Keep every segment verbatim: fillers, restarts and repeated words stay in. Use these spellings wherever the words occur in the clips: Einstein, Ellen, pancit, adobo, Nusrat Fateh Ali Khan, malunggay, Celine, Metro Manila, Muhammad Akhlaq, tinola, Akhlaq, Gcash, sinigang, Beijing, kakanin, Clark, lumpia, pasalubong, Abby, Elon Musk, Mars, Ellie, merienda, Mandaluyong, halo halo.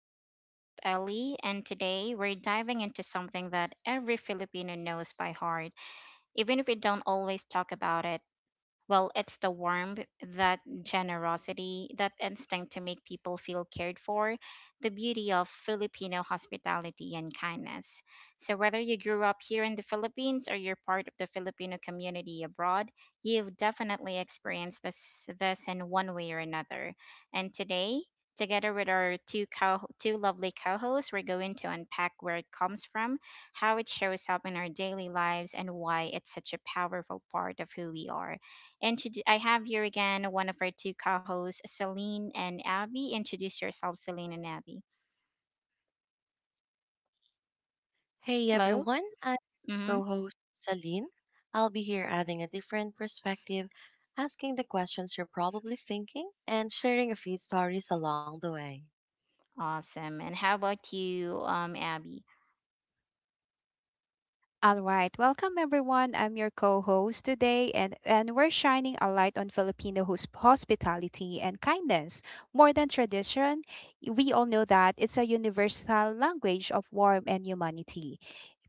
I'm your host, Ellie, and today we're diving into something that every Filipino knows by heart, even if we don't always talk about it. Well, it's the warmth, that generosity, that instinct to make people feel cared for, the beauty of Filipino hospitality and kindness. So, whether you grew up here in the Philippines or you're part of the Filipino community abroad, you've definitely experienced this, this in one way or another. And today, together with our two, co- two lovely co hosts, we're going to unpack where it comes from, how it shows up in our daily lives, and why it's such a powerful part of who we are. And to, I have here again one of our two co-hosts, Celine and Abby. Introduce yourselves, Celine and Abby. Hey Hello. everyone, I'm Mm-hmm. co host Celine. I'll be here adding a different perspective, asking the questions you're probably thinking, and sharing a few stories along the way. Awesome. And how about you, um, Abby? All right, welcome everyone. I'm your co-host today, and and we're shining a light on Filipino hos- hospitality and kindness. More than tradition, we all know that it's a universal language of warmth and humanity.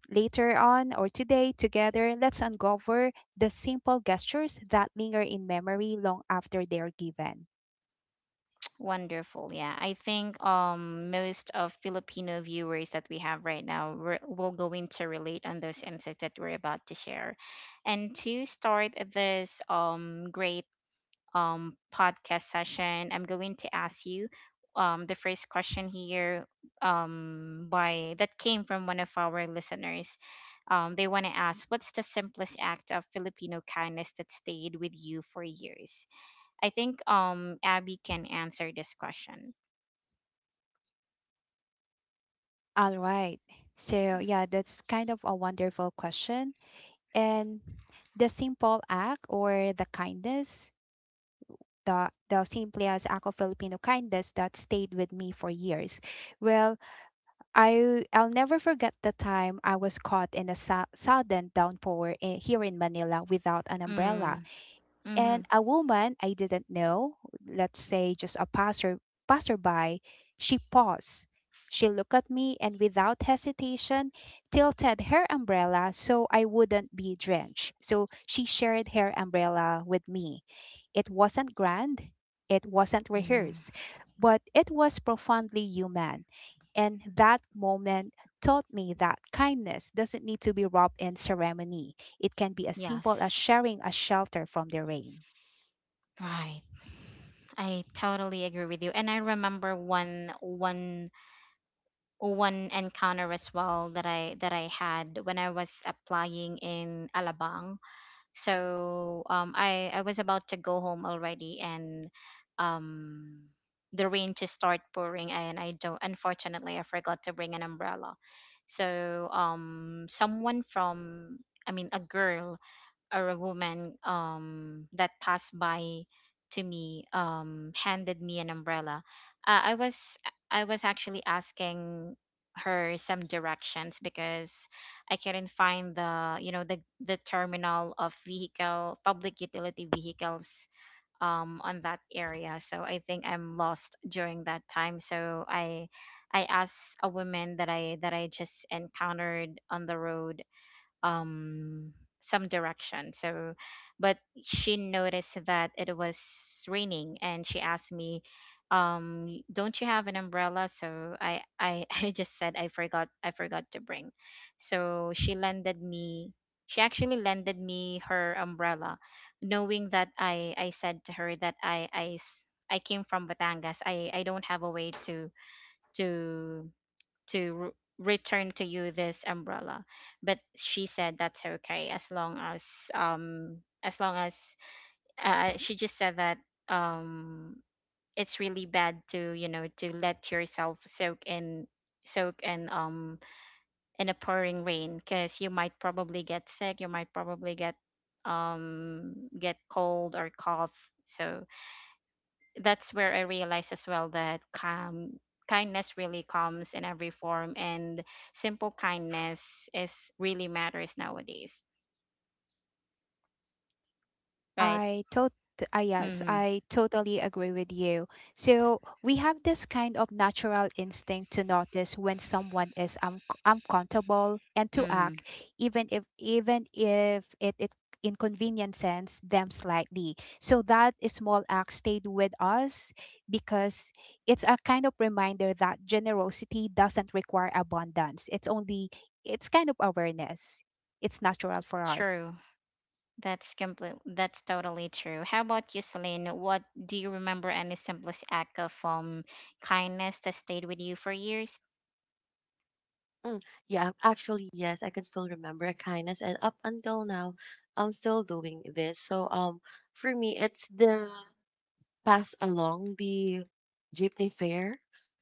Later on, or today together, let's uncover the simple gestures that linger in memory long after they're given. Wonderful. Yeah, I think um most of Filipino viewers that we have right now re- will go into relate on those insights that we're about to share. And to start this um great um, podcast session, I'm going to ask you um, the first question here, um, by that came from one of our listeners. Um, they want to ask, what's the simplest act of Filipino kindness that stayed with you for years? I think um, Abby can answer this question. All right. So, yeah, that's kind of a wonderful question. And the simple act or the kindness the the Simple as Ako Filipino kindness that stayed with me for years. Well, I I'll never forget the time I was caught in a su- sudden downpour in, here in Manila without an umbrella, Mm, mm-hmm, and a woman I didn't know, let's say just a passer passerby, she paused. She looked at me, and without hesitation tilted her umbrella so I wouldn't be drenched. So she shared her umbrella with me. It wasn't grand, it wasn't mm-hmm. rehearsed, but it was profoundly human. And that moment taught me that kindness doesn't need to be wrapped in ceremony. It can be as simple as Yes, sharing a shelter from the rain. right. I totally agree with you. And I remember one one one encounter as well that I that I had when I was applying in Alabang. So um, I I was about to go home already, and um, the rain just start pouring, and I don't. Unfortunately, I forgot to bring an umbrella. So um, someone from, I mean, a girl or a woman, um, that passed by to me, um, handed me an umbrella. Uh, I was I was actually asking her some directions because I couldn't find the you know the the terminal of vehicle public utility vehicles um, on that area. So I think I'm lost during that time. So I I asked a woman that I that I just encountered on the road, um some direction. So but she noticed that it was raining and she asked me, um don't you have an umbrella? So i i I just said I forgot. i forgot to bring. So she lended me, she actually lended me her umbrella, knowing that i i said to her that i i s- I came from Batangas. I, I don't have a way to to to r return to you this umbrella. But she said that's okay, as long as, um as long as uh, she just said that, um it's really bad to, you know, to let yourself soak in soak in um in a pouring rain, because you might probably get sick, you might probably get um get cold or cough. So that's where I realized as well that calm kindness really comes in every form, and simple kindness is really matters nowadays, right? I tot uh, Yes, Mm-hmm, I totally agree with you. So we have this kind of natural instinct to notice when someone is un- uncomfortable and to mm-hmm. act, even if even if it, it inconveniences them slightly. So that small act stayed with us because it's a kind of reminder that generosity doesn't require abundance. It's only it's kind of awareness. It's natural for us. True. That's complete that's totally true. How about you, Celine? What do you remember? Any simplest act of um kindness that stayed with you for years? Mm, yeah, actually, yes, I can still remember a kindness, and up until now, I'm still doing this. So, um, for me, it's the pass along the jeepney fare.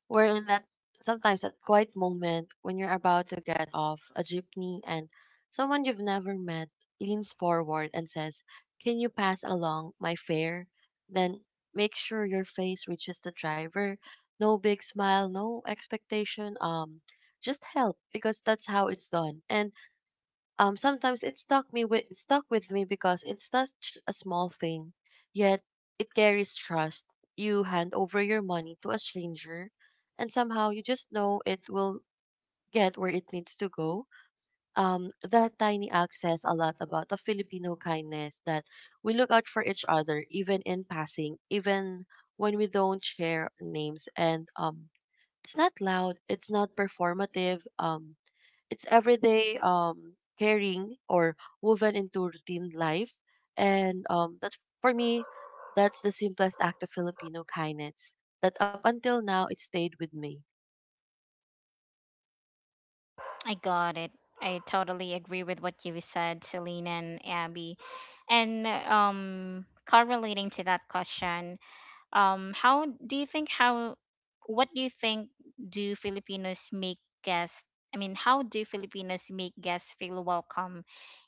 We in that Sometimes that quiet moment when you're about to get off a jeepney and someone you've never met leans forward and says, can you pass along my fare? Then make sure your face reaches the driver. No big smile, no expectation. Um, just help because that's how it's done. And um, Sometimes it stuck me with it stuck with me because it's such a small thing, yet it carries trust. You hand over your money to a stranger, and somehow you just know it will get where it needs to go. Um, that tiny act says a lot about the Filipino kindness that we look out for each other, even in passing, even when we don't share names. And um, It's not loud, it's not performative. Um, it's everyday um, caring or woven into routine life. And um, that For me, that's the simplest act of Filipino kindness that up until now it stayed with me. I got it. I totally agree with what you said, Celine and Abby. And um correlating to that question, um how do you think how what do you think? Do filipinos make guests I mean How do Filipinos make guests feel welcome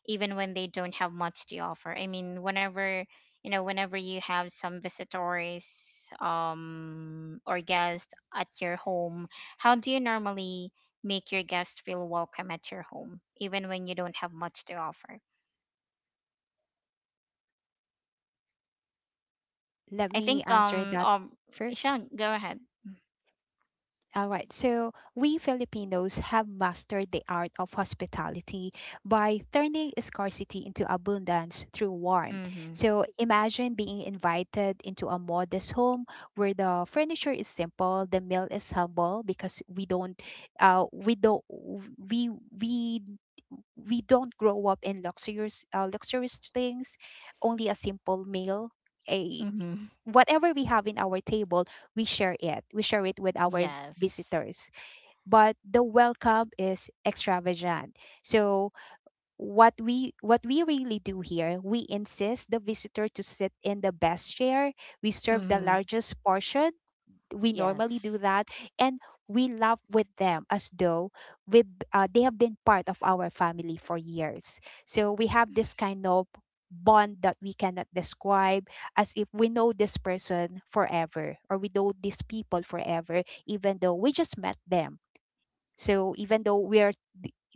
even when they don't have much to offer? I mean, whenever you know whenever you have some visitors um or guests at your home, how do you normally make your guests feel welcome at your home even when you don't have much to offer? Let I me think answer um that um first. Ishan, go ahead. All right. So, we Filipinos have mastered the art of hospitality by turning scarcity into abundance through warmth. Mm-hmm. So, imagine being invited into a modest home where the furniture is simple, the meal is humble, because we don't uh we don't we we we don't grow up in luxurious uh, luxurious things, only a simple meal, a Mm-hmm. whatever we have in our table, we share it. We share it with our Yes. visitors, but the welcome is extravagant. So what we what we really do here, we insist the visitor to sit in the best chair. We serve the Mm-hmm. largest portion. We normally do Yes. that, and we laugh with them as though we uh, they have been part of our family for years. So we have this kind of bond that we cannot describe, as if we know this person forever, or we know these people forever, even though we just met them. So even though we are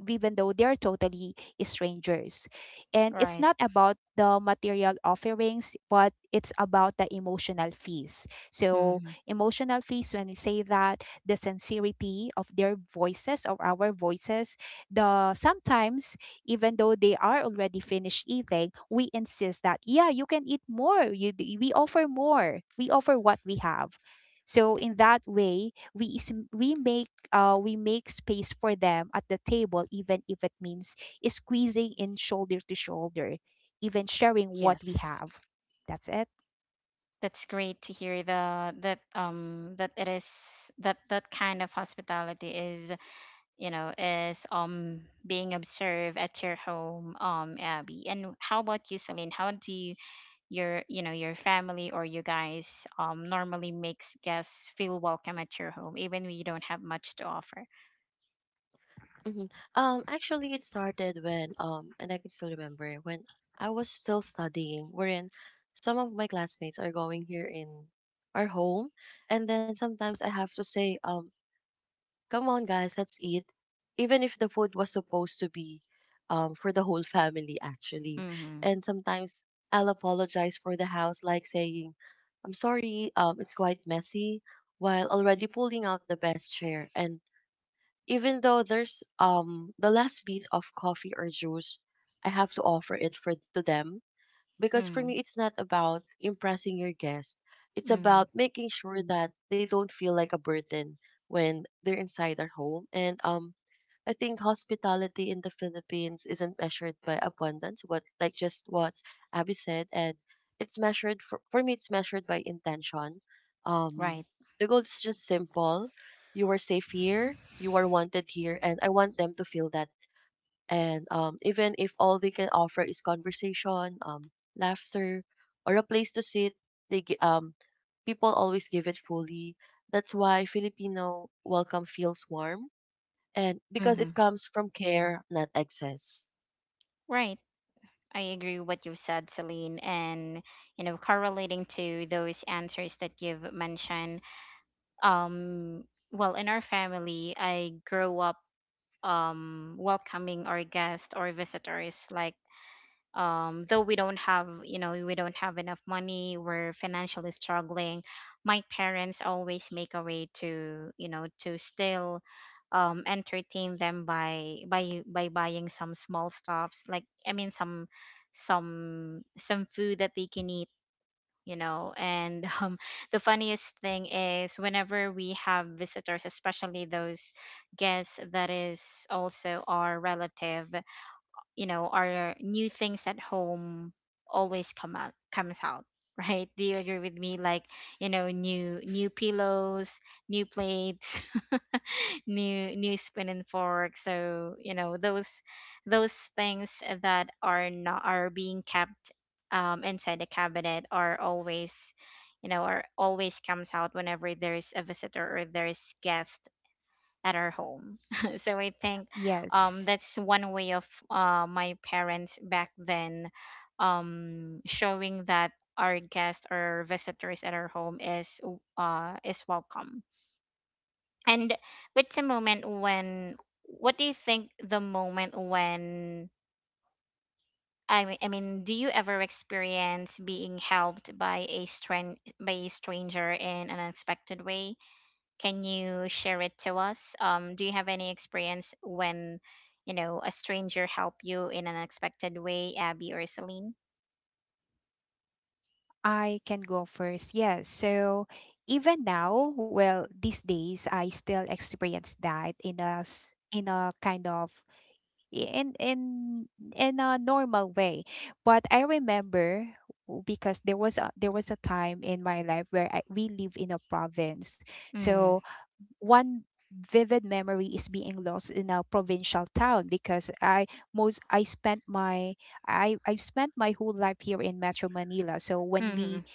even though they're totally strangers. And it's Right. not about the material offerings, but it's about the emotional fees. So, Mm-hmm. emotional fees, when we say that, the sincerity of their voices, of our voices, the sometimes, even though they are already finished eating, we insist that, yeah, you can eat more. You, d- we offer more. We offer what we have. So, in that way, we, is- we make uh, we make space for them at the table, even if it means squeezing in shoulder to shoulder, even sharing what we Yes. have. That's it. That's great to hear the that um that it is that that kind of hospitality is, you know, is um being observed at your home, um Abby. And how about you, Celine? How do you, your, you know, your family or you guys um normally makes guests feel welcome at your home even when you don't have much to offer? hmm Um, actually, it started when um, and I can still remember when I was still studying, wherein some of my classmates are going here in our home, and then sometimes I have to say um come on, guys, let's eat. Even if the food was supposed to be um, for the whole family, actually. Mm-hmm. And sometimes I'll apologize for the house, like saying, I'm sorry, um, it's quite messy, while already pulling out the best chair. And even though there's um, the last bit of coffee or juice, I have to offer it for to them, because for Mm-hmm. me it's not about impressing your guest, it's Mm-hmm. about making sure that they don't feel like a burden when they're inside our home. And um I think hospitality in the Philippines isn't measured by abundance, what like just what Abby said, and it's measured for, for me, it's measured by intention. um Right. the goal is just simple. You are safe here, you are wanted here, and I want them to feel that. And um, Even if all they can offer is conversation, um, laughter, or a place to sit, they gi- um, people always give it fully. That's why Filipino welcome feels warm, and because Mm-hmm. it comes from care, not excess. Right. I agree with what you said, Celine, and you know, correlating to those answers that you've mentioned. Um, well, in our family, I grow up um welcoming our guests or visitors like, um though we don't have, you know, we don't have enough money, we're financially struggling, my parents always make a way to, you know, to still um entertain them by by by buying some small stuffs, like, I mean, some some some food that they can eat, you know. And um the funniest thing is whenever we have visitors, especially those guests that is also our relative, you know, our new things at home always come out comes out right? Do you agree with me? Like, you know, new new pillows, new plates, new new spoon and fork. So, you know, those those things that are not are being kept um, inside the cabinet are always, you know, are always comes out whenever there is a visitor or there is guest at our home. So I think um, Yes, that's one way of uh, my parents back then um, showing that our guests or visitors at our home is w- uh, is welcome. And what's a moment when? What do you think the moment when? I mean, I mean, do you ever experience being helped by a stran- by a stranger in an unexpected way? Can you share it to us? Um, do you have any experience when, you know, a stranger helped you in an unexpected way, Abby or Celine? I can go first. Yes. So even now, well, these days I still experience that in a s- in a kind of in in in a normal way. But I remember w- because there was a there was a time in my life where I, we live in a province. Mm, So one vivid memory is being lost in a provincial town, because I most I spent my I I've spent my whole life here in Metro Manila. So when we mm,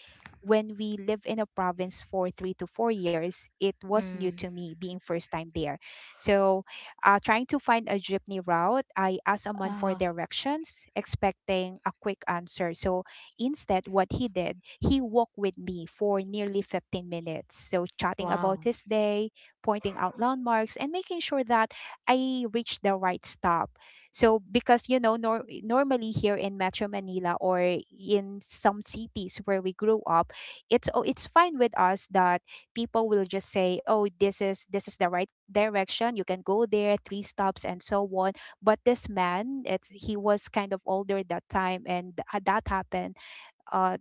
when we live in a province for three to four years, it was new mm. to me being first time there. So, uh, trying to find a jeepney route, I asked a man for Oh, directions, expecting a quick answer. So, instead, what he did, he walked with me for nearly fifteen minutes. So, chatting about wow. his day, pointing out landmarks, and making sure that I reach the right stop. So because you know nor- normally here in Metro Manila or in some cities where we grew up, it's oh, it's fine with us that people will just say, "Oh, this is this is the right direction. You can go there, three stops and so on." But this man, it's he was kind of older that time, and ha- that happened uh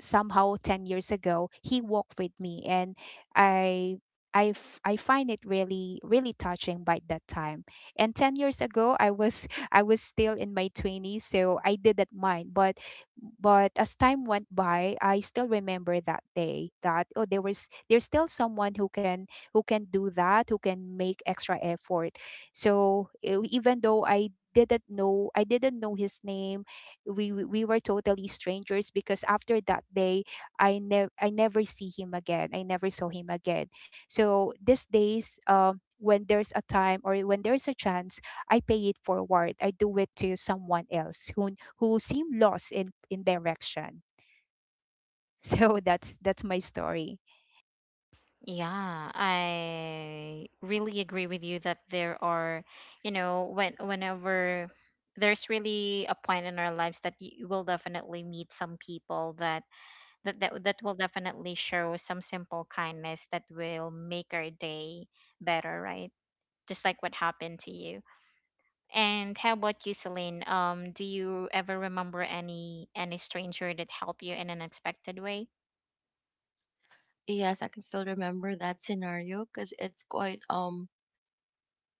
somehow ten years ago. He walked with me and i I, f- I find it really really touching by that time, and ten years ago I was I was still in my twenties, so I didn't mind. but but as time went by I still remember that day that, oh, there was there's still someone who can who can do that, who can make extra effort. So e- even though i didn't know I didn't know his name, we we we were totally strangers, because after that day i never I never see him again. I never saw him again. So these days, um, when there's a time or when there's a chance, I pay it forward. I do it to someone else who who seem lost in in direction. So that's that's my story. Yeah, I really agree with you that there are, you know, when whenever there's really a point in our lives that you will definitely meet some people that that that, that will definitely show some simple kindness that will make our day better, right? Just like what happened to you. And how about you, Celine? Um, do you ever remember any any stranger that helped you in an unexpected way? Yes, I can still remember that scenario because it's quite um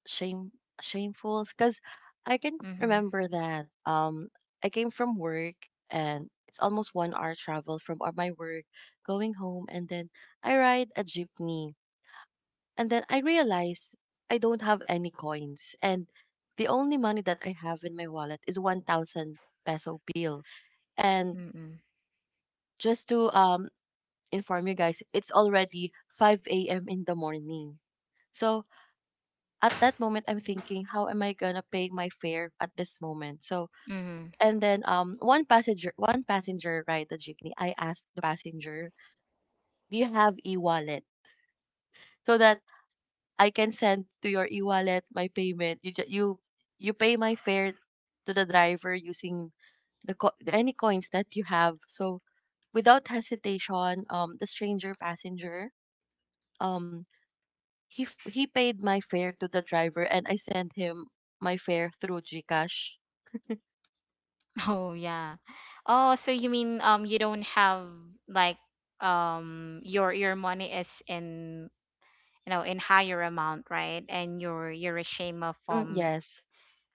shame shameful because I can Mm-hmm. remember that um I came from work, and it's almost one hour travel from uh, my work going home, and then I ride a jeepney, and then I realize I don't have any coins, and the only money that I have in my wallet is one thousand peso bill. and Mm-hmm. just to um inform you guys, it's already five a m in the morning. So at that moment I'm thinking, how am I gonna pay my fare at this moment? So Mm-hmm. and then um one passenger one passenger ride the jeepney. I asked the passenger, do you have e wallet? So that I can send to your e wallet my payment. You ju- you you pay my fare to the driver using the co- any coins that you have. So without hesitation, um the stranger passenger um he f- he paid my fare to the driver, and I sent him my fare through Gcash. Oh yeah. Oh, so you mean um you don't have, like, um your your money is in, you know, in higher amount, right? And you're you're ashamed of. Mm, Um, yes.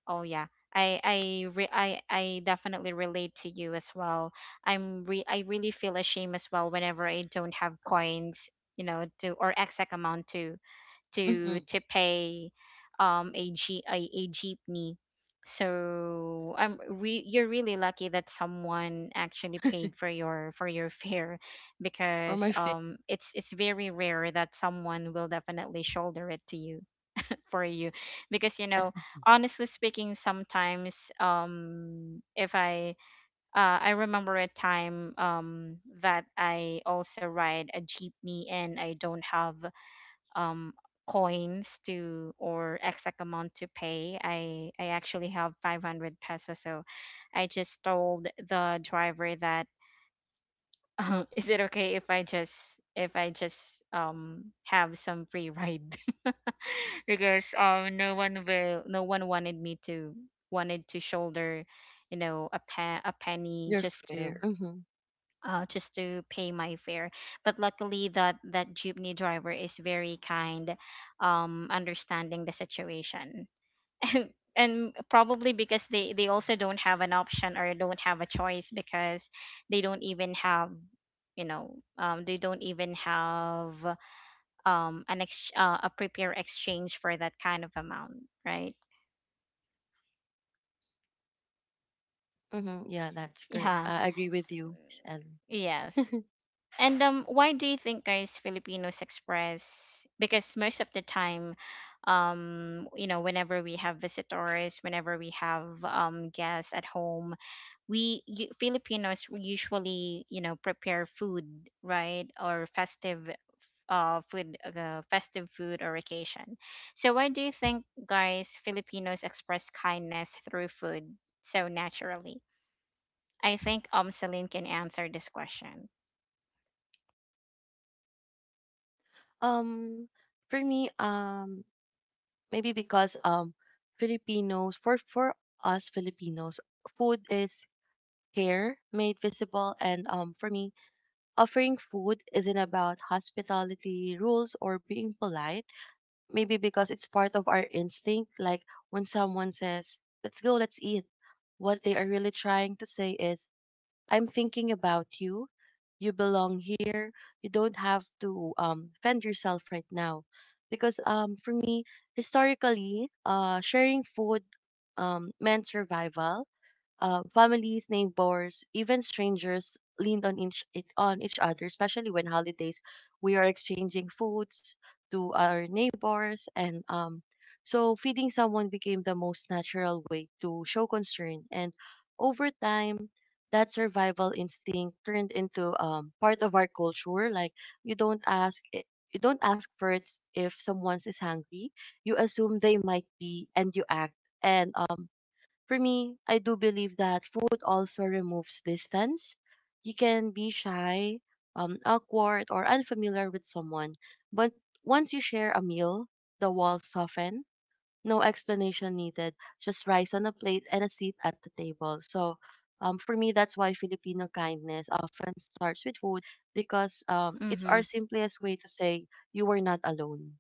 oh yeah. I I re- I I definitely relate to you as well. I'm re- I really feel ashamed as well whenever I don't have coins, you know, to or exact amount to to Mm-hmm. to pay um a G a, a jeepney. So I'm re- you're really lucky that someone actually paid for your for your fare, For because my fair, um it's it's very rare that someone will definitely shoulder it to you, for you. Because, you know, honestly speaking, sometimes um if I uh, I remember a time um that I also ride a jeepney and I don't have um coins to or exact amount to pay. I I actually have five hundred pesos, so I just told the driver that, is it okay if I just, if I just um have some free ride? Because um no one will, no one wanted me to, wanted to shoulder, you know, a pa- a penny you're just to fair. Mm-hmm. uh just to pay my fare. But luckily that that jeepney driver is very kind, um understanding the situation. And and probably because they they also don't have an option or don't have a choice, because they don't even have, you know, um they don't even have um an ex- uh, a prepare exchange for that kind of amount, right? Mm-hmm. Yeah, that's correct. Yeah. I agree with you, Miss Ellen. Yes. And um why do you think, guys, Filipinos express? Because most of the time, um you know, whenever we have visitors, whenever we have um guests at home, we you, Filipinos usually, you know, prepare food, right? Or festive uh food uh, festive food or occasion. So why do you think, guys, Filipinos express kindness through food so naturally? I think um Celine can answer this question. um, for me, um, Maybe because um, Filipinos, for for us Filipinos, food is care made visible, and um, for me, offering food isn't about hospitality rules or being polite. Maybe because it's part of our instinct. Like when someone says, "Let's go, let's eat." What they are really trying to say is, I'm thinking about you. You belong here. You don't have to um, fend yourself right now. Because um, For me, historically, uh, sharing food um, meant survival. Uh, families, neighbors, even strangers leaned on each it, on each other, especially when holidays. We are exchanging foods to our neighbors, and um, so feeding someone became the most natural way to show concern. And over time, that survival instinct turned into um, part of our culture. Like you don't ask. i- you don't ask first if someone is hungry. You assume they might be, and you act. And um, For me, I do believe that food also removes distance. You can be shy, um, awkward, or unfamiliar with someone, but once you share a meal, the walls soften. No explanation needed, just rice on a plate and a seat at the table. So, um, for me, that's why Filipino kindness often starts with food, because um, it's our simplest way to say you were not alone.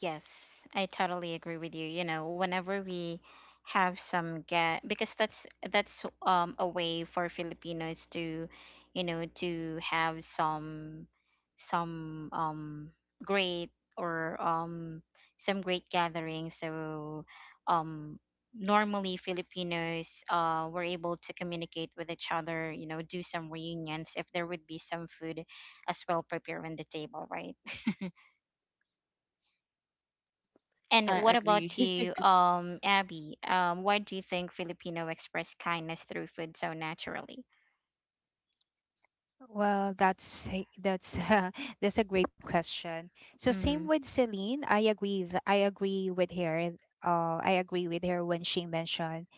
Yes, I totally agree with you. You know, whenever we have some get because that's that's um a way for Filipinos to, you know, to have some some um great or um some great gathering. So um normally Filipinos uh were able to communicate with each other, you know, do some reunions if there would be some food as well prepared on the table, right? I And what about agree. you, um, Abby? Um, why do you think Filipino express kindness through food so naturally? Well that's a- that's uh, that's a great question. So same Mm-hmm. with Celine, i agree th- I agree with her. uh, I agree with her when she mentioned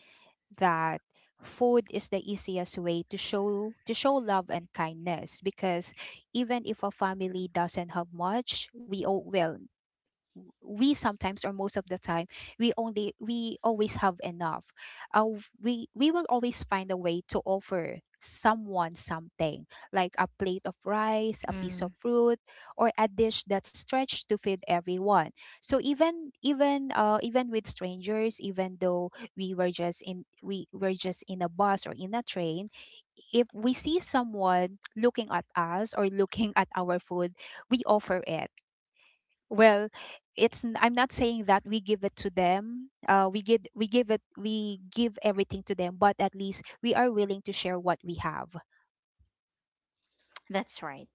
that food is the easiest way to show to show love and kindness, because even if a family doesn't have much, we all well we sometimes, or most of the time, we only we always have enough. uh, we we will always find a way to offer someone something, like a plate of rice, a piece of Mm, fruit, or a dish that's stretched to feed everyone. So even even uh even with strangers, even though we were just in we were just in a bus or in a train, if we see someone looking at us or looking at our food, we offer it. Well, it's n- I'm not saying that we give it to them. Uh, we give we give it we give everything to them, but at least we are willing to share what we have. that's right.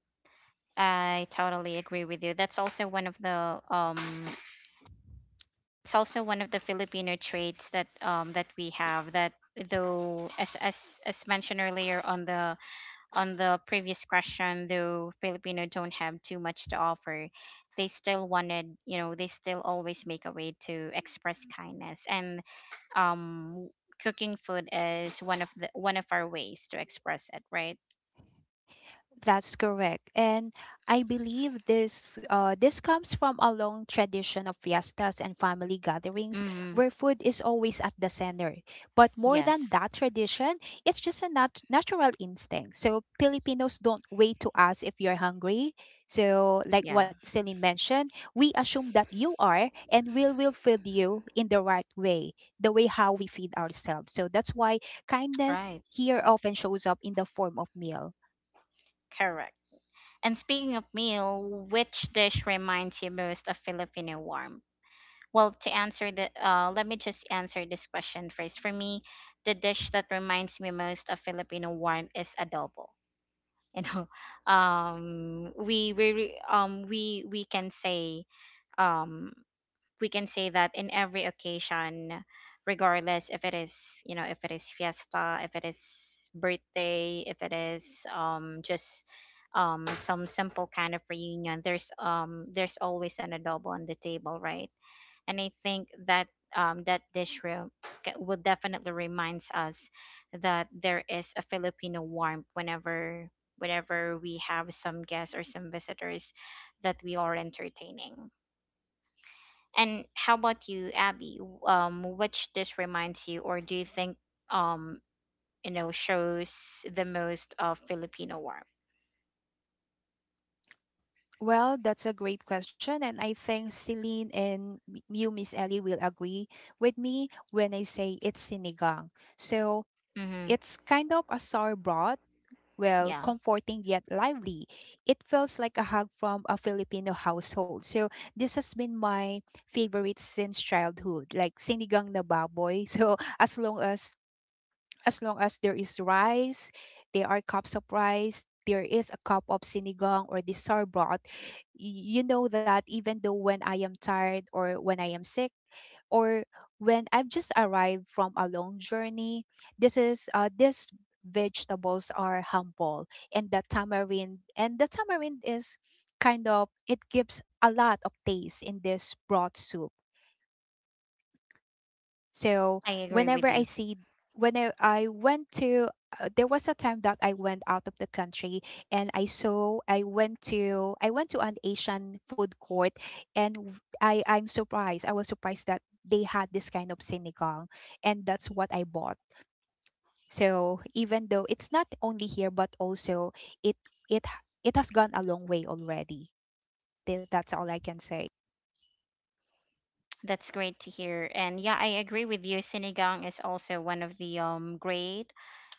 I totally agree with you. That's also one of the um, it's also one of the Filipino traits that um that we have that, though as as as mentioned earlier on the on the previous question, though Filipino don't have too much to offer, they still wanted, you know, they still always make a way to express kindness. And um, cooking food is one of the one of our ways to express it, right? That's correct. And I believe this uh, this comes from a long tradition of fiestas and family gatherings, Mm-hmm. where food is always at the center. But more than Yes. that tradition, it's just a nat- natural instinct. So Filipinos don't wait to ask if you're hungry. So like Yeah. what Celine mentioned, we assume that you are, and we will feed you in the right way, the way how we feed ourselves. So that's why kindness Right. here often shows up in the form of meal. Correct. And speaking of meal, which dish reminds you most of Filipino warmth? Well, to answer the, uh, let me just answer this question first. For me, the dish that reminds me most of Filipino warmth is adobo. You know, um, we we re- um we we can say um we can say that in every occasion, regardless if it is you know if it is fiesta, if it is birthday, if it is um just um some simple kind of reunion, there's um there's always an adobo on the table, right? And I think that um, that dish room ca- will definitely reminds us that there is a Filipino warmth whenever whenever we have some guests or some visitors that we are entertaining. And how about you, Abby? W- Um, which dish reminds you, or do you think um you know shows the most of Filipino warmth? Well, that's a great question. And I think Celine and m- you, Miss Ellie, will agree with me when I say it's sinigang. So Mm-hmm. it's kind of a sour broth, well, Yeah, comforting yet lively. It feels like a hug from a Filipino household. So this has been my favorite since childhood, like sinigang na baboy. So as long as as long as there is rice, there are cups of rice, there is a cup of sinigang or the sour broth, y- you know that even though when I am tired, or when I am sick, or when I've just arrived from a long journey, this is uh these vegetables are humble, and the tamarind and the tamarind is kind of it gives a lot of taste in this broth soup. So I agree with whenever I you. see, when I, I went to uh, there was a time that I went out of the country, and I saw I went to I went to an Asian food court, and w- I I'm surprised, I was surprised that they had this kind of sinigang, and that's what I bought. So even though it's not only here but also it it h- it has gone a long way already. Th- That's all I can say. That's great to hear. And yeah, I agree with you. Sinigang is also one of the um great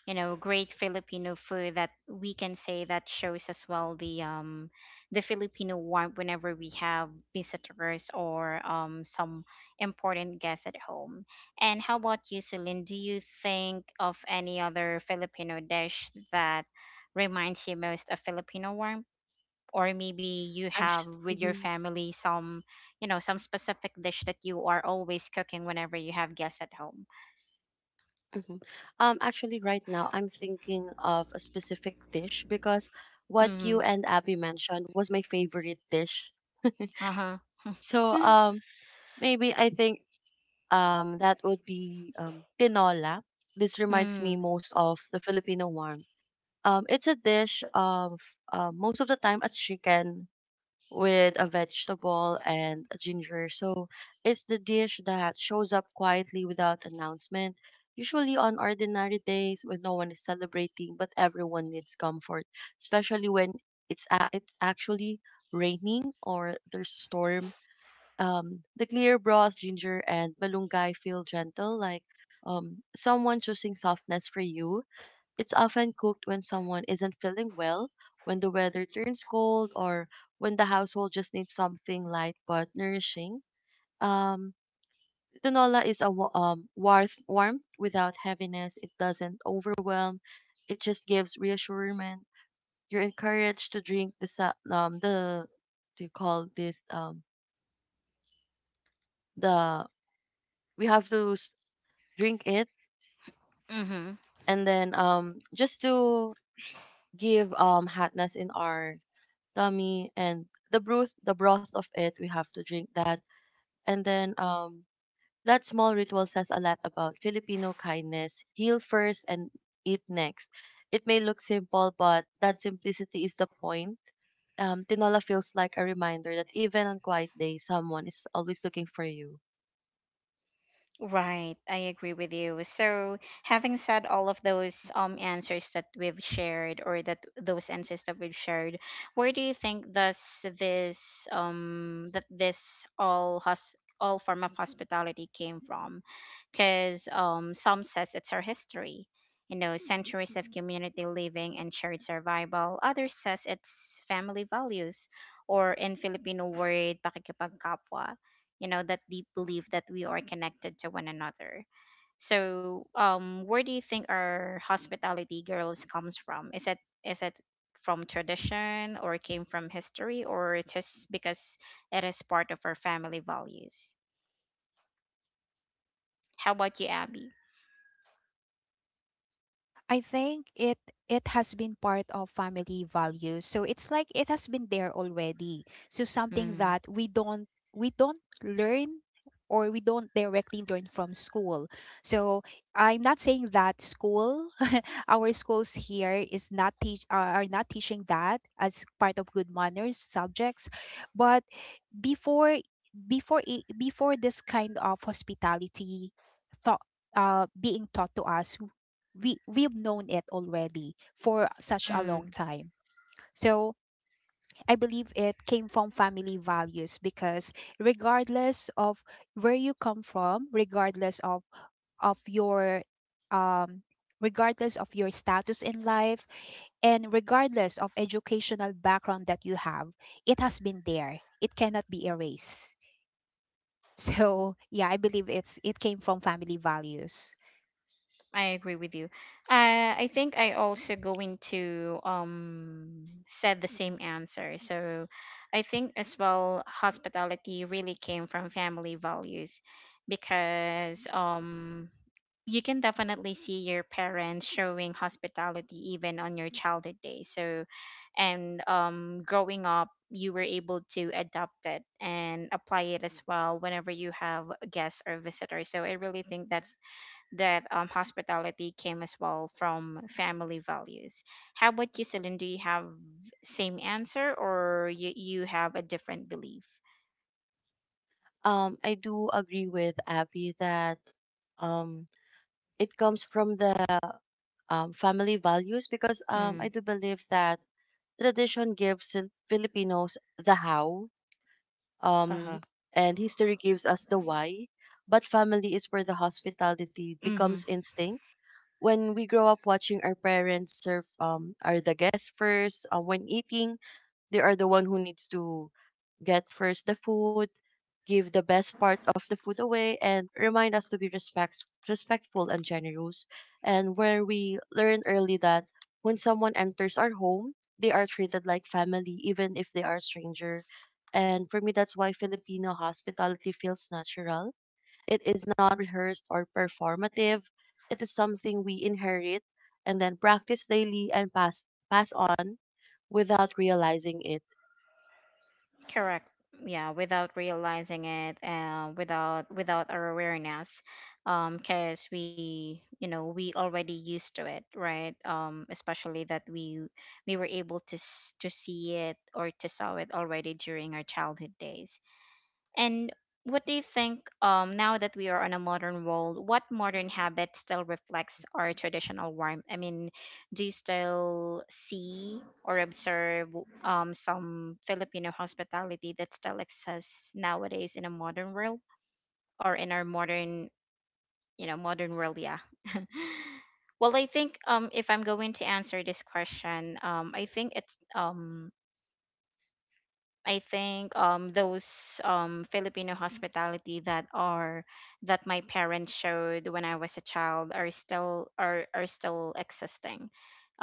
you know great Filipino food that we can say that shows as well the um the Filipino warmth whenever we have visitors or um some important guests at home. And how about you, Celine? Do you think of any other Filipino dish that reminds you most of Filipino warmth, or maybe you have Ac- with your family some you know some specific dish that you are always cooking whenever you have guests at home? hmm Um, actually, right now I'm thinking of a specific dish because what you Mm-hmm. and Abby mentioned was my favorite dish. Uh-huh. So, um, maybe I think um that would be um tinola. This reminds me Mm. most of the Filipino one. Um, it's a dish of uh, most of the time a chicken with a vegetable and a ginger. So it's the dish that shows up quietly without announcement, usually on ordinary days when no one is celebrating, but everyone needs comfort, especially when it's a- it's actually raining or there's a storm. Um, the clear broth, ginger, and malunggay feel gentle, like um, someone choosing softness for you. It's often cooked when someone isn't feeling well, when the weather turns cold, or when the household just needs something light but nourishing. Um, Tinola is a wa- um, warmth, warmth without heaviness. It doesn't overwhelm. It just gives reassurance. You're encouraged to drink the sa- um the do you call this um the we have to s- drink it, Mm-hmm. and then um just to give um hotness in our tummy, and the broth the broth of it we have to drink that. And then um That small ritual says a lot about Filipino kindness: heal first and eat next. It may look simple, but that simplicity is the point. um, Tinola feels like a reminder that even on quiet days someone is always looking for you. Right. I agree with you. So, having said all of those um answers that we've shared or that those answers that we've shared, where do you think does this um that this all hos all form of hospitality came from? Because um some says it's our history, you know, centuries of community living and shared survival. Others says it's family values, or in Filipino word, pakikipagkapwa, you know, that deep belief that we are connected to one another. So um where do you think our hospitality girls comes from? Is it is it from tradition or came from history, or just because it is part of our family values? How about you, Abby? I think it it has been part of family values. So it's like it has been there already. So something Mm. that we don't we don't learn, or we don't directly learn from school. So I'm not saying that school our schools here is not teach are are not teaching that as part of good manners subjects, but before before it, before this kind of hospitality thought uh being taught to us w- we we've known it already for such a long time. So I believe it came from family values, because regardless of where you come from, regardless of of your um regardless of your status in life, and regardless of educational background that you have, it has been there, it cannot be erased. So yeah, I believe it's it came from family values. I agree with you. Uh, I think I also going to um said the same answer. So I think as well hospitality really came from family values because um you can definitely see your parents showing hospitality even on your childhood days. So and um growing up you were able to adopt it and apply it as well whenever you have guests or visitors. So I really think that's that um, hospitality came as well from family values. How about you, Celine? Do you have same answer, or you, you have a different belief? um I do agree with Abby that um it comes from the um, family values, because um, Mm. I do believe that tradition gives Fil- Filipinos the how, um, Uh-huh. and history gives us the why, but family is where the hospitality Mm-hmm. becomes instinct. When we grow up watching our parents serve um are the guests first uh, when eating, they are the one who needs to get first the food, give the best part of the food away, and remind us to be respect, respectful and generous, and where we learn early that when someone enters our home they are treated like family even if they are a stranger. And for me, that's why Filipino hospitality feels natural. It is not rehearsed or performative. It is something we inherit and then practice daily and pass pass on without realizing it. Correct. Yeah, without realizing it, uh, without without our awareness, um, because we, you know, we already used to it, right? Um, especially that we we were able to s- to see it or to saw it already during our childhood days. And what do you think, um, now that we are on a modern world, what modern habit still reflects our traditional warmth? I mean, do you still see or observe um, some Filipino hospitality that still exists nowadays in a modern world, or in our modern, you know, modern world? Yeah. Well, I think um, if I'm going to answer this question, um, I think it's um, I think um those um Filipino hospitality that are that my parents showed when I was a child are still are are still existing.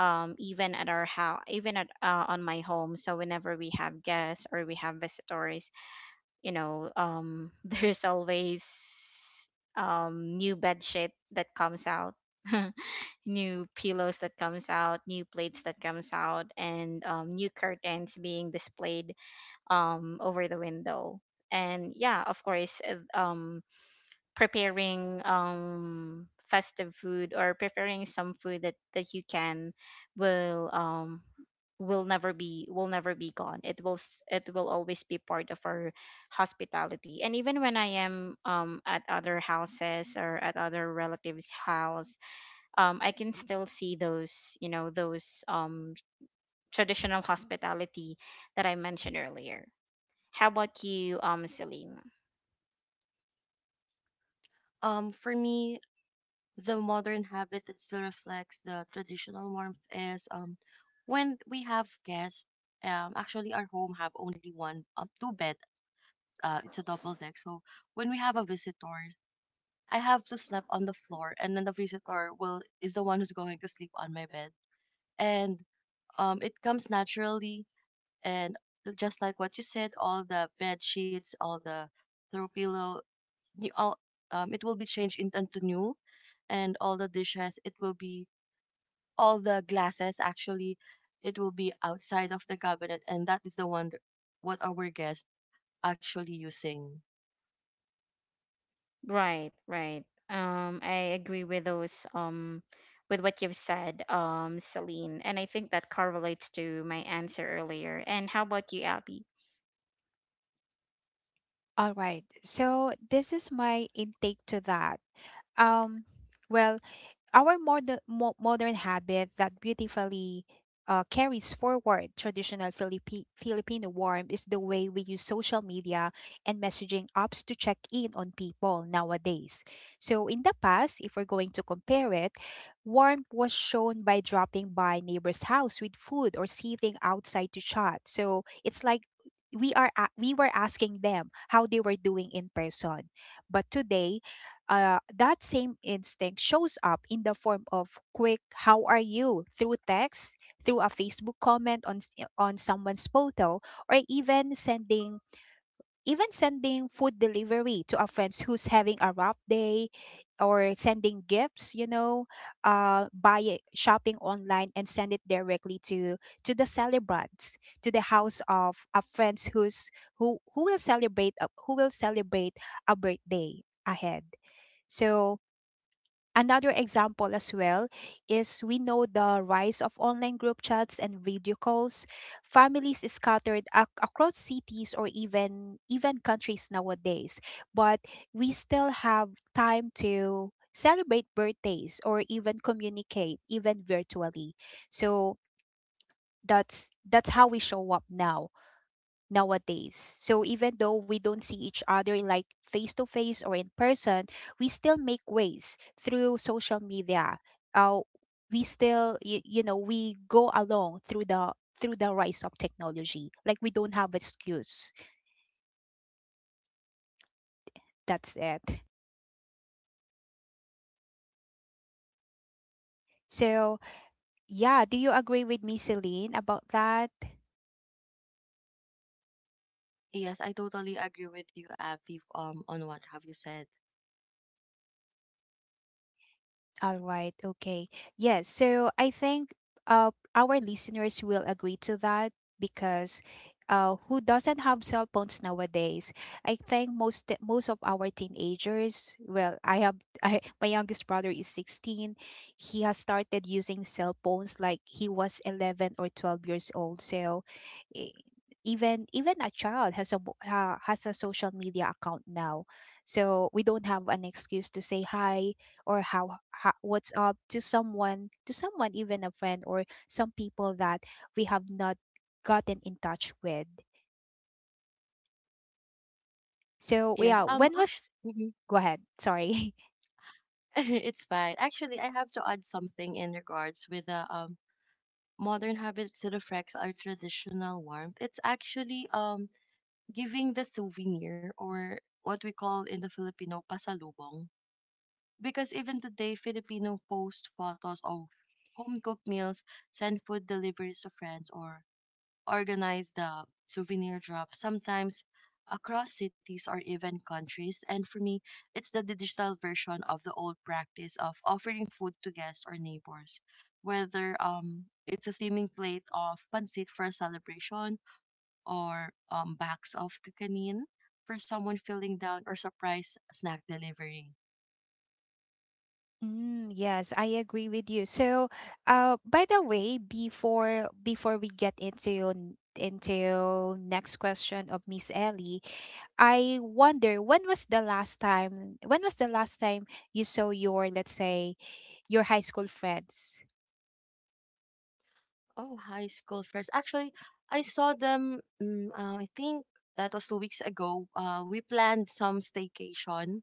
Um, even at our house, even at uh, on my home. So whenever we have guests or we have visitors, you know, um, there's always um new bed sheet that comes out, new pillows that comes out, new plates that comes out, and um, new curtains being displayed um over the window. And yeah, of course uh, um, preparing um festive food, or preparing some food that that you can will um will never be will never be gone. It will s- it will always be part of our hospitality. And even when I am um at other houses or at other relatives house, um I can still see those, you know, those um traditional hospitality that I mentioned earlier. How about you, um, Celine? Um, for me, the modern habit that still reflects the traditional warmth is um, when we have guests. Um, actually, our home have only one um, two bed. Uh, it's a double deck. So when we have a visitor, I have to sleep on the floor, and then the visitor will is the one who's going to sleep on my bed, and um, it comes naturally. And just like what you said, all the bed sheets, all the throw pillow, you all um, it will be changed in- into new, and all the dishes, it will be all the glasses actually, it will be outside of the cabinet, and that is the one that what our guests actually using. Right, right. Um, I agree with those, um, with what you've said, um, Celine, and I think that correlates to my answer earlier. And how about you, Abby? All right. So this is my intake to that. Um well, our modern, mo- modern habit that beautifully uh, carries forward traditional Philippi- Filipino warmth is the way we use social media and messaging apps to check in on people nowadays. So in the past, if we're going to compare it, warmth was shown by dropping by neighbor's house with food or sitting outside to chat. So it's like we are a- we were asking them how they were doing in person. But today, uh, that same instinct shows up in the form of quick how are you, through text, through a facebook comment on s- on someone's photo, or even sending even sending food delivery to a friend who's having a rough day, or sending gifts you know uh Buy it, shopping online, and send it directly to to the celebrants, to the house of a friend who's who who will celebrate a- who will celebrate a birthday ahead. So another example as well is we know the rise of online group chats and video calls. Families is scattered ac- across cities or even even countries nowadays, but we still have time to celebrate birthdays or even communicate even virtually. So that's that's how we show up now nowadays. So even though we don't see each other like face to face or in person, we still make ways through social media. Uh, we still you, you know we go along through the through the rise of technology. Like we don't have excuse. That's it. So yeah, do you agree with me, Celine, about that? Yes, I totally agree with you, Abby, um, on what have you said. All right. Okay. Yes. So I think uh, our listeners will agree to that, because uh, who doesn't have cell phones nowadays? I think most most of our teenagers. Well, I have I, my youngest brother is sixteen. He has started using cell phones like he was eleven or twelve years old. So. eh, Even even a child has a uh, has a social media account now, so we don't have an excuse to say hi or how, how what's up to someone, to someone even a friend or some people that we have not gotten in touch with. So Yes, yeah, um, when was actually, go ahead, sorry. it's fine. Actually, I have to add something in regards with the um modern habits that reflects our traditional warmth. It's actually um giving the souvenir or what we call in the Filipino pasalubong. Because even today, Filipino post photos of home cooked meals, send food deliveries to friends, or organize the souvenir drop, sometimes across cities or even countries. And for me, it's the digital version of the old practice of offering food to guests or neighbors, whether um it's a steaming plate of pancit for a celebration or um, bags of kakanin for someone feeling down or surprise snack delivery. Mm, yes, I agree with you. So, uh, by the way, before before we get into n- into next question of Miss Ellie, I wonder when was the last time when was the last time you saw your, let's say, your high school friends? Oh, high school friends. Actually, I saw them, mm, uh, I think that was two weeks ago. Uh, we planned some staycation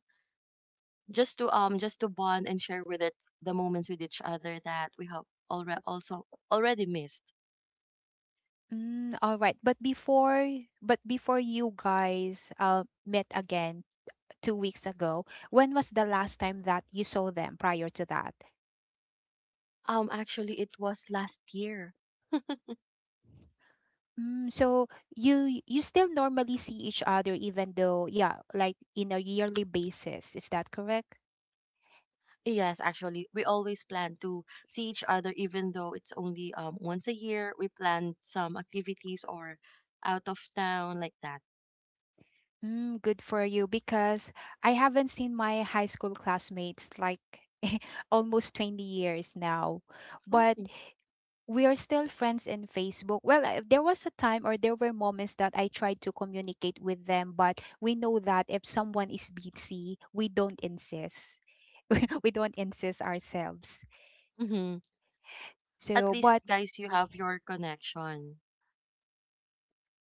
just to um just to bond and share with it the moments with each other that we have already also already missed. Mm, all right. But before, but before you guys uh met again two weeks ago, when was the last time that you saw them prior to that? Um, actually, it was last year. Mm, so you you still normally see each other, even though, yeah, like in a yearly basis. Is that correct? Yes, actually, we always plan to see each other, even though it's only um once a year. We plan some activities or out of town like that. Mm, good for you, because I haven't seen my high school classmates like almost twenty years now. But Oh. we are still friends in Facebook. Well, I, there was a time or there were moments that I tried to communicate with them, but we know that if someone is busy, we don't insist. We don't insist ourselves. Mm-hmm. At So, least, but guys, you have your connection.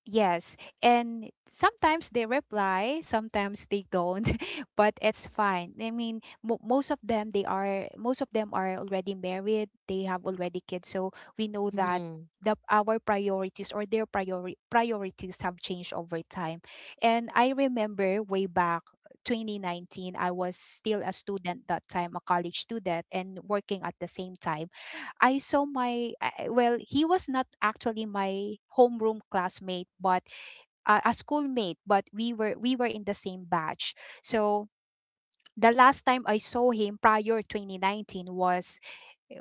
yes, and sometimes they reply, sometimes they don't. But it's fine. I mean, mo most of them, they are most of them are already married, they have already kids, so we know that Mm-hmm. the our priorities or their priori priorities have changed over time. And I remember way back twenty nineteen, I was still a student that time, a college student, and working at the same time. I saw my I- I- well, he was not actually my homeroom classmate, but uh, a schoolmate. But we were we were in the same batch. So the last time I saw him prior two thousand nineteen was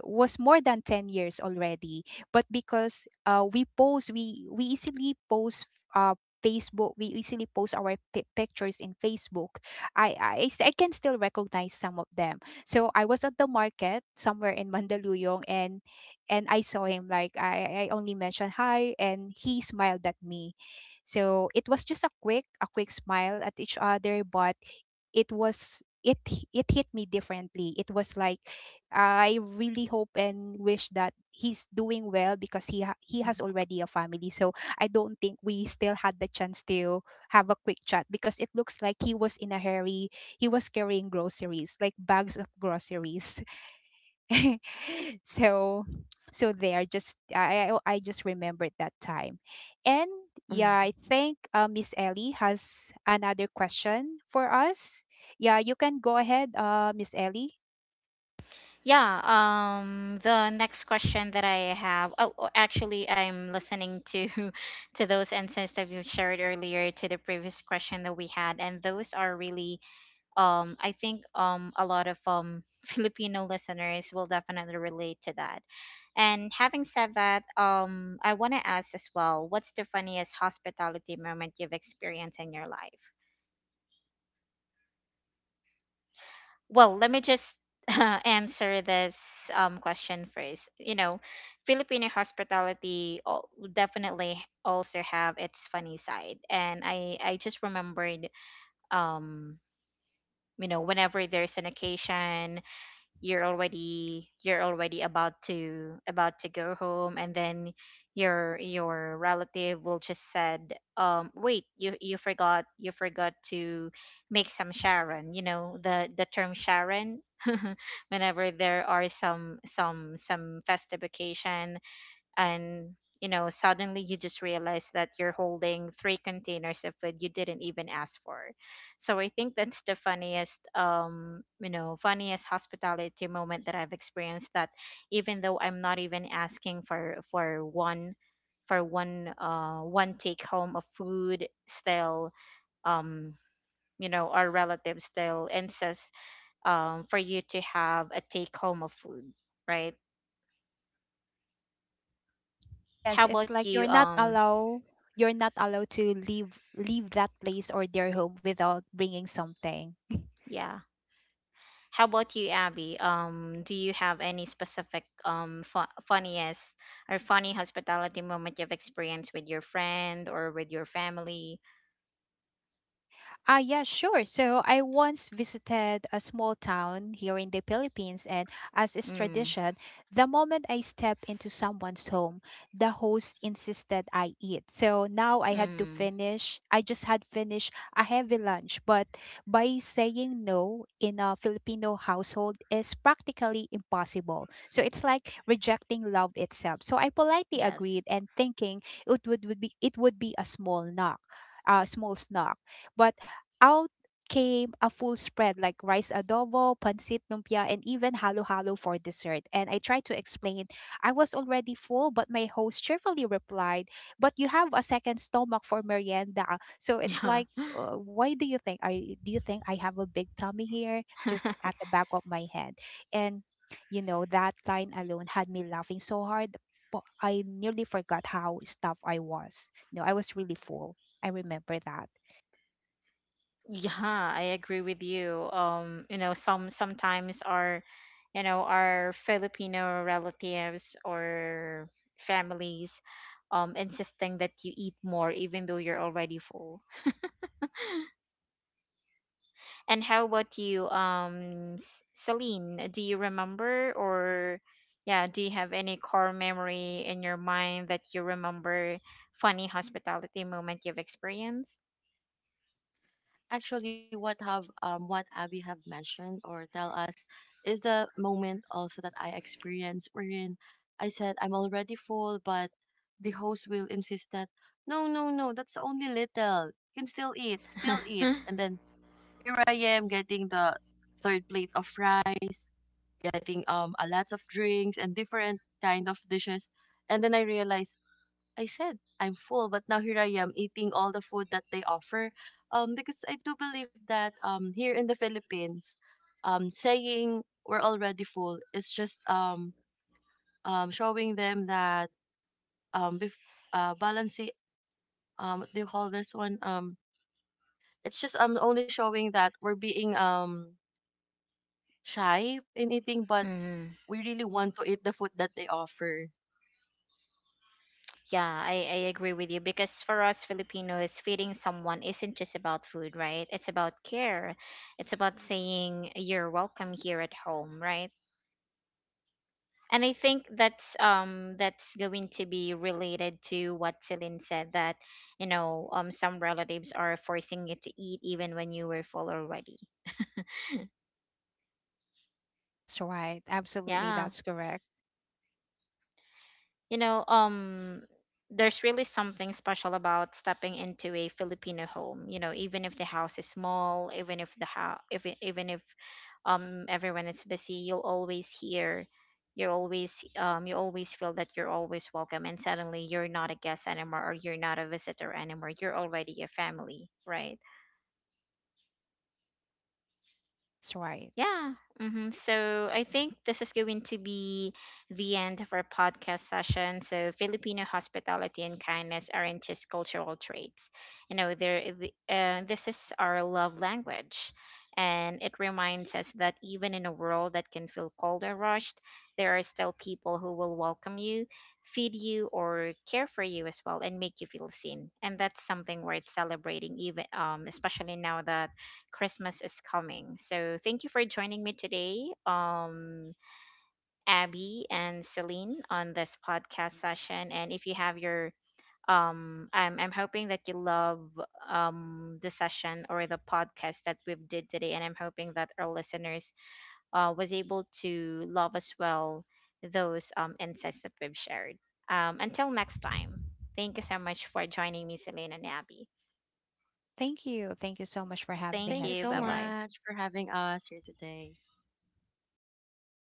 was more than ten years already, but because uh, we post we we easily post uh, facebook, we easily post our pi pictures in facebook. I, I s- I can still recognize some of them. So I was at the market somewhere in Mandaluyong, and and I saw him, like i i only mentioned hi and he smiled at me. So it was just a quick a quick smile at each other, but it was it h- it hit me differently. It was like I really hope and wish that he's doing well because he ha- he has already a family. So I don't think we still had the chance to have a quick chat, because it looks like he was in a hurry. He was carrying groceries, like bags of groceries. So so there just I, I I just remembered that time. And yeah, Mm-hmm. I think uh, Miss Ellie has another question for us. Yeah, you can go ahead, uh, Miss Ellie. Yeah, um, the next question that I have, oh, oh, actually, I'm listening to to those insights that you shared earlier to the previous question that we had, and those are really, um, I think, um, a lot of um Filipino listeners will definitely relate to that. And having said that, um, I want to ask as well, what's the funniest hospitality moment you've experienced in your life? Well, let me just answer this um, question first. You know, Filipino hospitality al- definitely also have its funny side, and I I just remembered um. You know, whenever there's an occasion, you're already you're already about to about to go home, and then your your relative will just said um, wait, you you forgot you forgot to make some sharon, you know, the the term sharon, whenever there are some some some festive occasion. And you know, suddenly you just realize that you're holding three containers of food you didn't even ask for. So I think that's the funniest um you know funniest hospitality moment that I've experienced, that even though I'm not even asking for for one for one uh one take home of food, still, um, you know, our relatives still insists um for you to have a take home of food, right? How Yes, it's about like you, you're not um? allowed, you're not allowed to leave, leave that place or their home without bringing something. Yeah. How about you, Abby? Um, do you have any specific um fu- funniest or funny hospitality moment you've experienced with your friend or with your family? Ah, yeah, sure. So I once visited a small town here in the Philippines, and as is Mm, tradition, the moment I step into someone's home, the host insisted I eat. So now I had to mm, finish. I just had finished a heavy lunch, but by saying no in a Filipino household is practically impossible. So it's like rejecting love itself. So I politely yes. agreed, and thinking it would, would be it would be a small knock, a small snack. But out came a full spread, like rice adobo, pancit lumpia, and even halo halo for dessert. And I tried to explain I was already full, but my host cheerfully replied, but you have a second stomach for merienda. So it's like, Yeah. uh, why do you think? I, do you think I have a big tummy here? Just at the back of my head. And, you know, that line alone had me laughing so hard. But I nearly forgot how stuffed I was. You know, I was really full. I remember that. Yeah, I agree with you. Um, you know, some sometimes our, you know, our Filipino relatives or families um insisting that you eat more even though you're already full. And how about you, um, S- Celine? Do you remember or yeah, do you have any core memory in your mind that you remember funny hospitality moment you've experienced? actually what have um what Abby have mentioned or tell us is the moment also that I experienced, wherein I said I'm already full, but the host will insist that no, no, no, that's only little. You can still eat, still eat. And then here I am getting the third plate of fries, getting um a lot of drinks and different kind of dishes. And then I realized I said I'm full, but now here I am eating all the food that they offer. Um, because I do believe that um here in the Philippines, um saying we're already full is just um um showing them that um bef- uh balancing um what do you call this one um it's just um only showing that we're being um shy in eating, but Mm, we really want to eat the food that they offer. yeah, I, I agree with you because for us Filipinos, feeding someone isn't just about food, right? It's about care. It's about saying you're welcome here at home, right? And I think that's um that's going to be related to what Celine said, that you know um some relatives are forcing you to eat even when you were full already. That's right. Absolutely. Yeah. That's correct. You know, um, there's really something special about stepping into a Filipino home. You know, even if the house is small, even if the house, if it- even if um everyone is busy, you'll always hear, you're always um you always feel that you're always welcome, and suddenly you're not a guest anymore, or you're not a visitor anymore. You're already a family, right? That's right. Yeah. Hmm. So I think this is going to be the end of our podcast session. So Filipino hospitality and kindness aren't just cultural traits. You know, there, uh, this is our love language, and it reminds us that even in a world that can feel cold or rushed, there are still people who will welcome you, feed you, or care for you as well, and make you feel seen. And that's something worth celebrating, even um, especially now that Christmas is coming. So thank you for joining me today, um, Abby and Celine, on this podcast session. And if you have your um, I'm I'm hoping that you love um the session or the podcast that we've did today, and I'm hoping that our listeners uh was able to love as well those um insights that we've shared. Um, until next time, thank you so much for joining me, Celine and Abby. Thank you. Thank you so much for having Thank Thank you us you. so Bye here. bye. much for having us here today.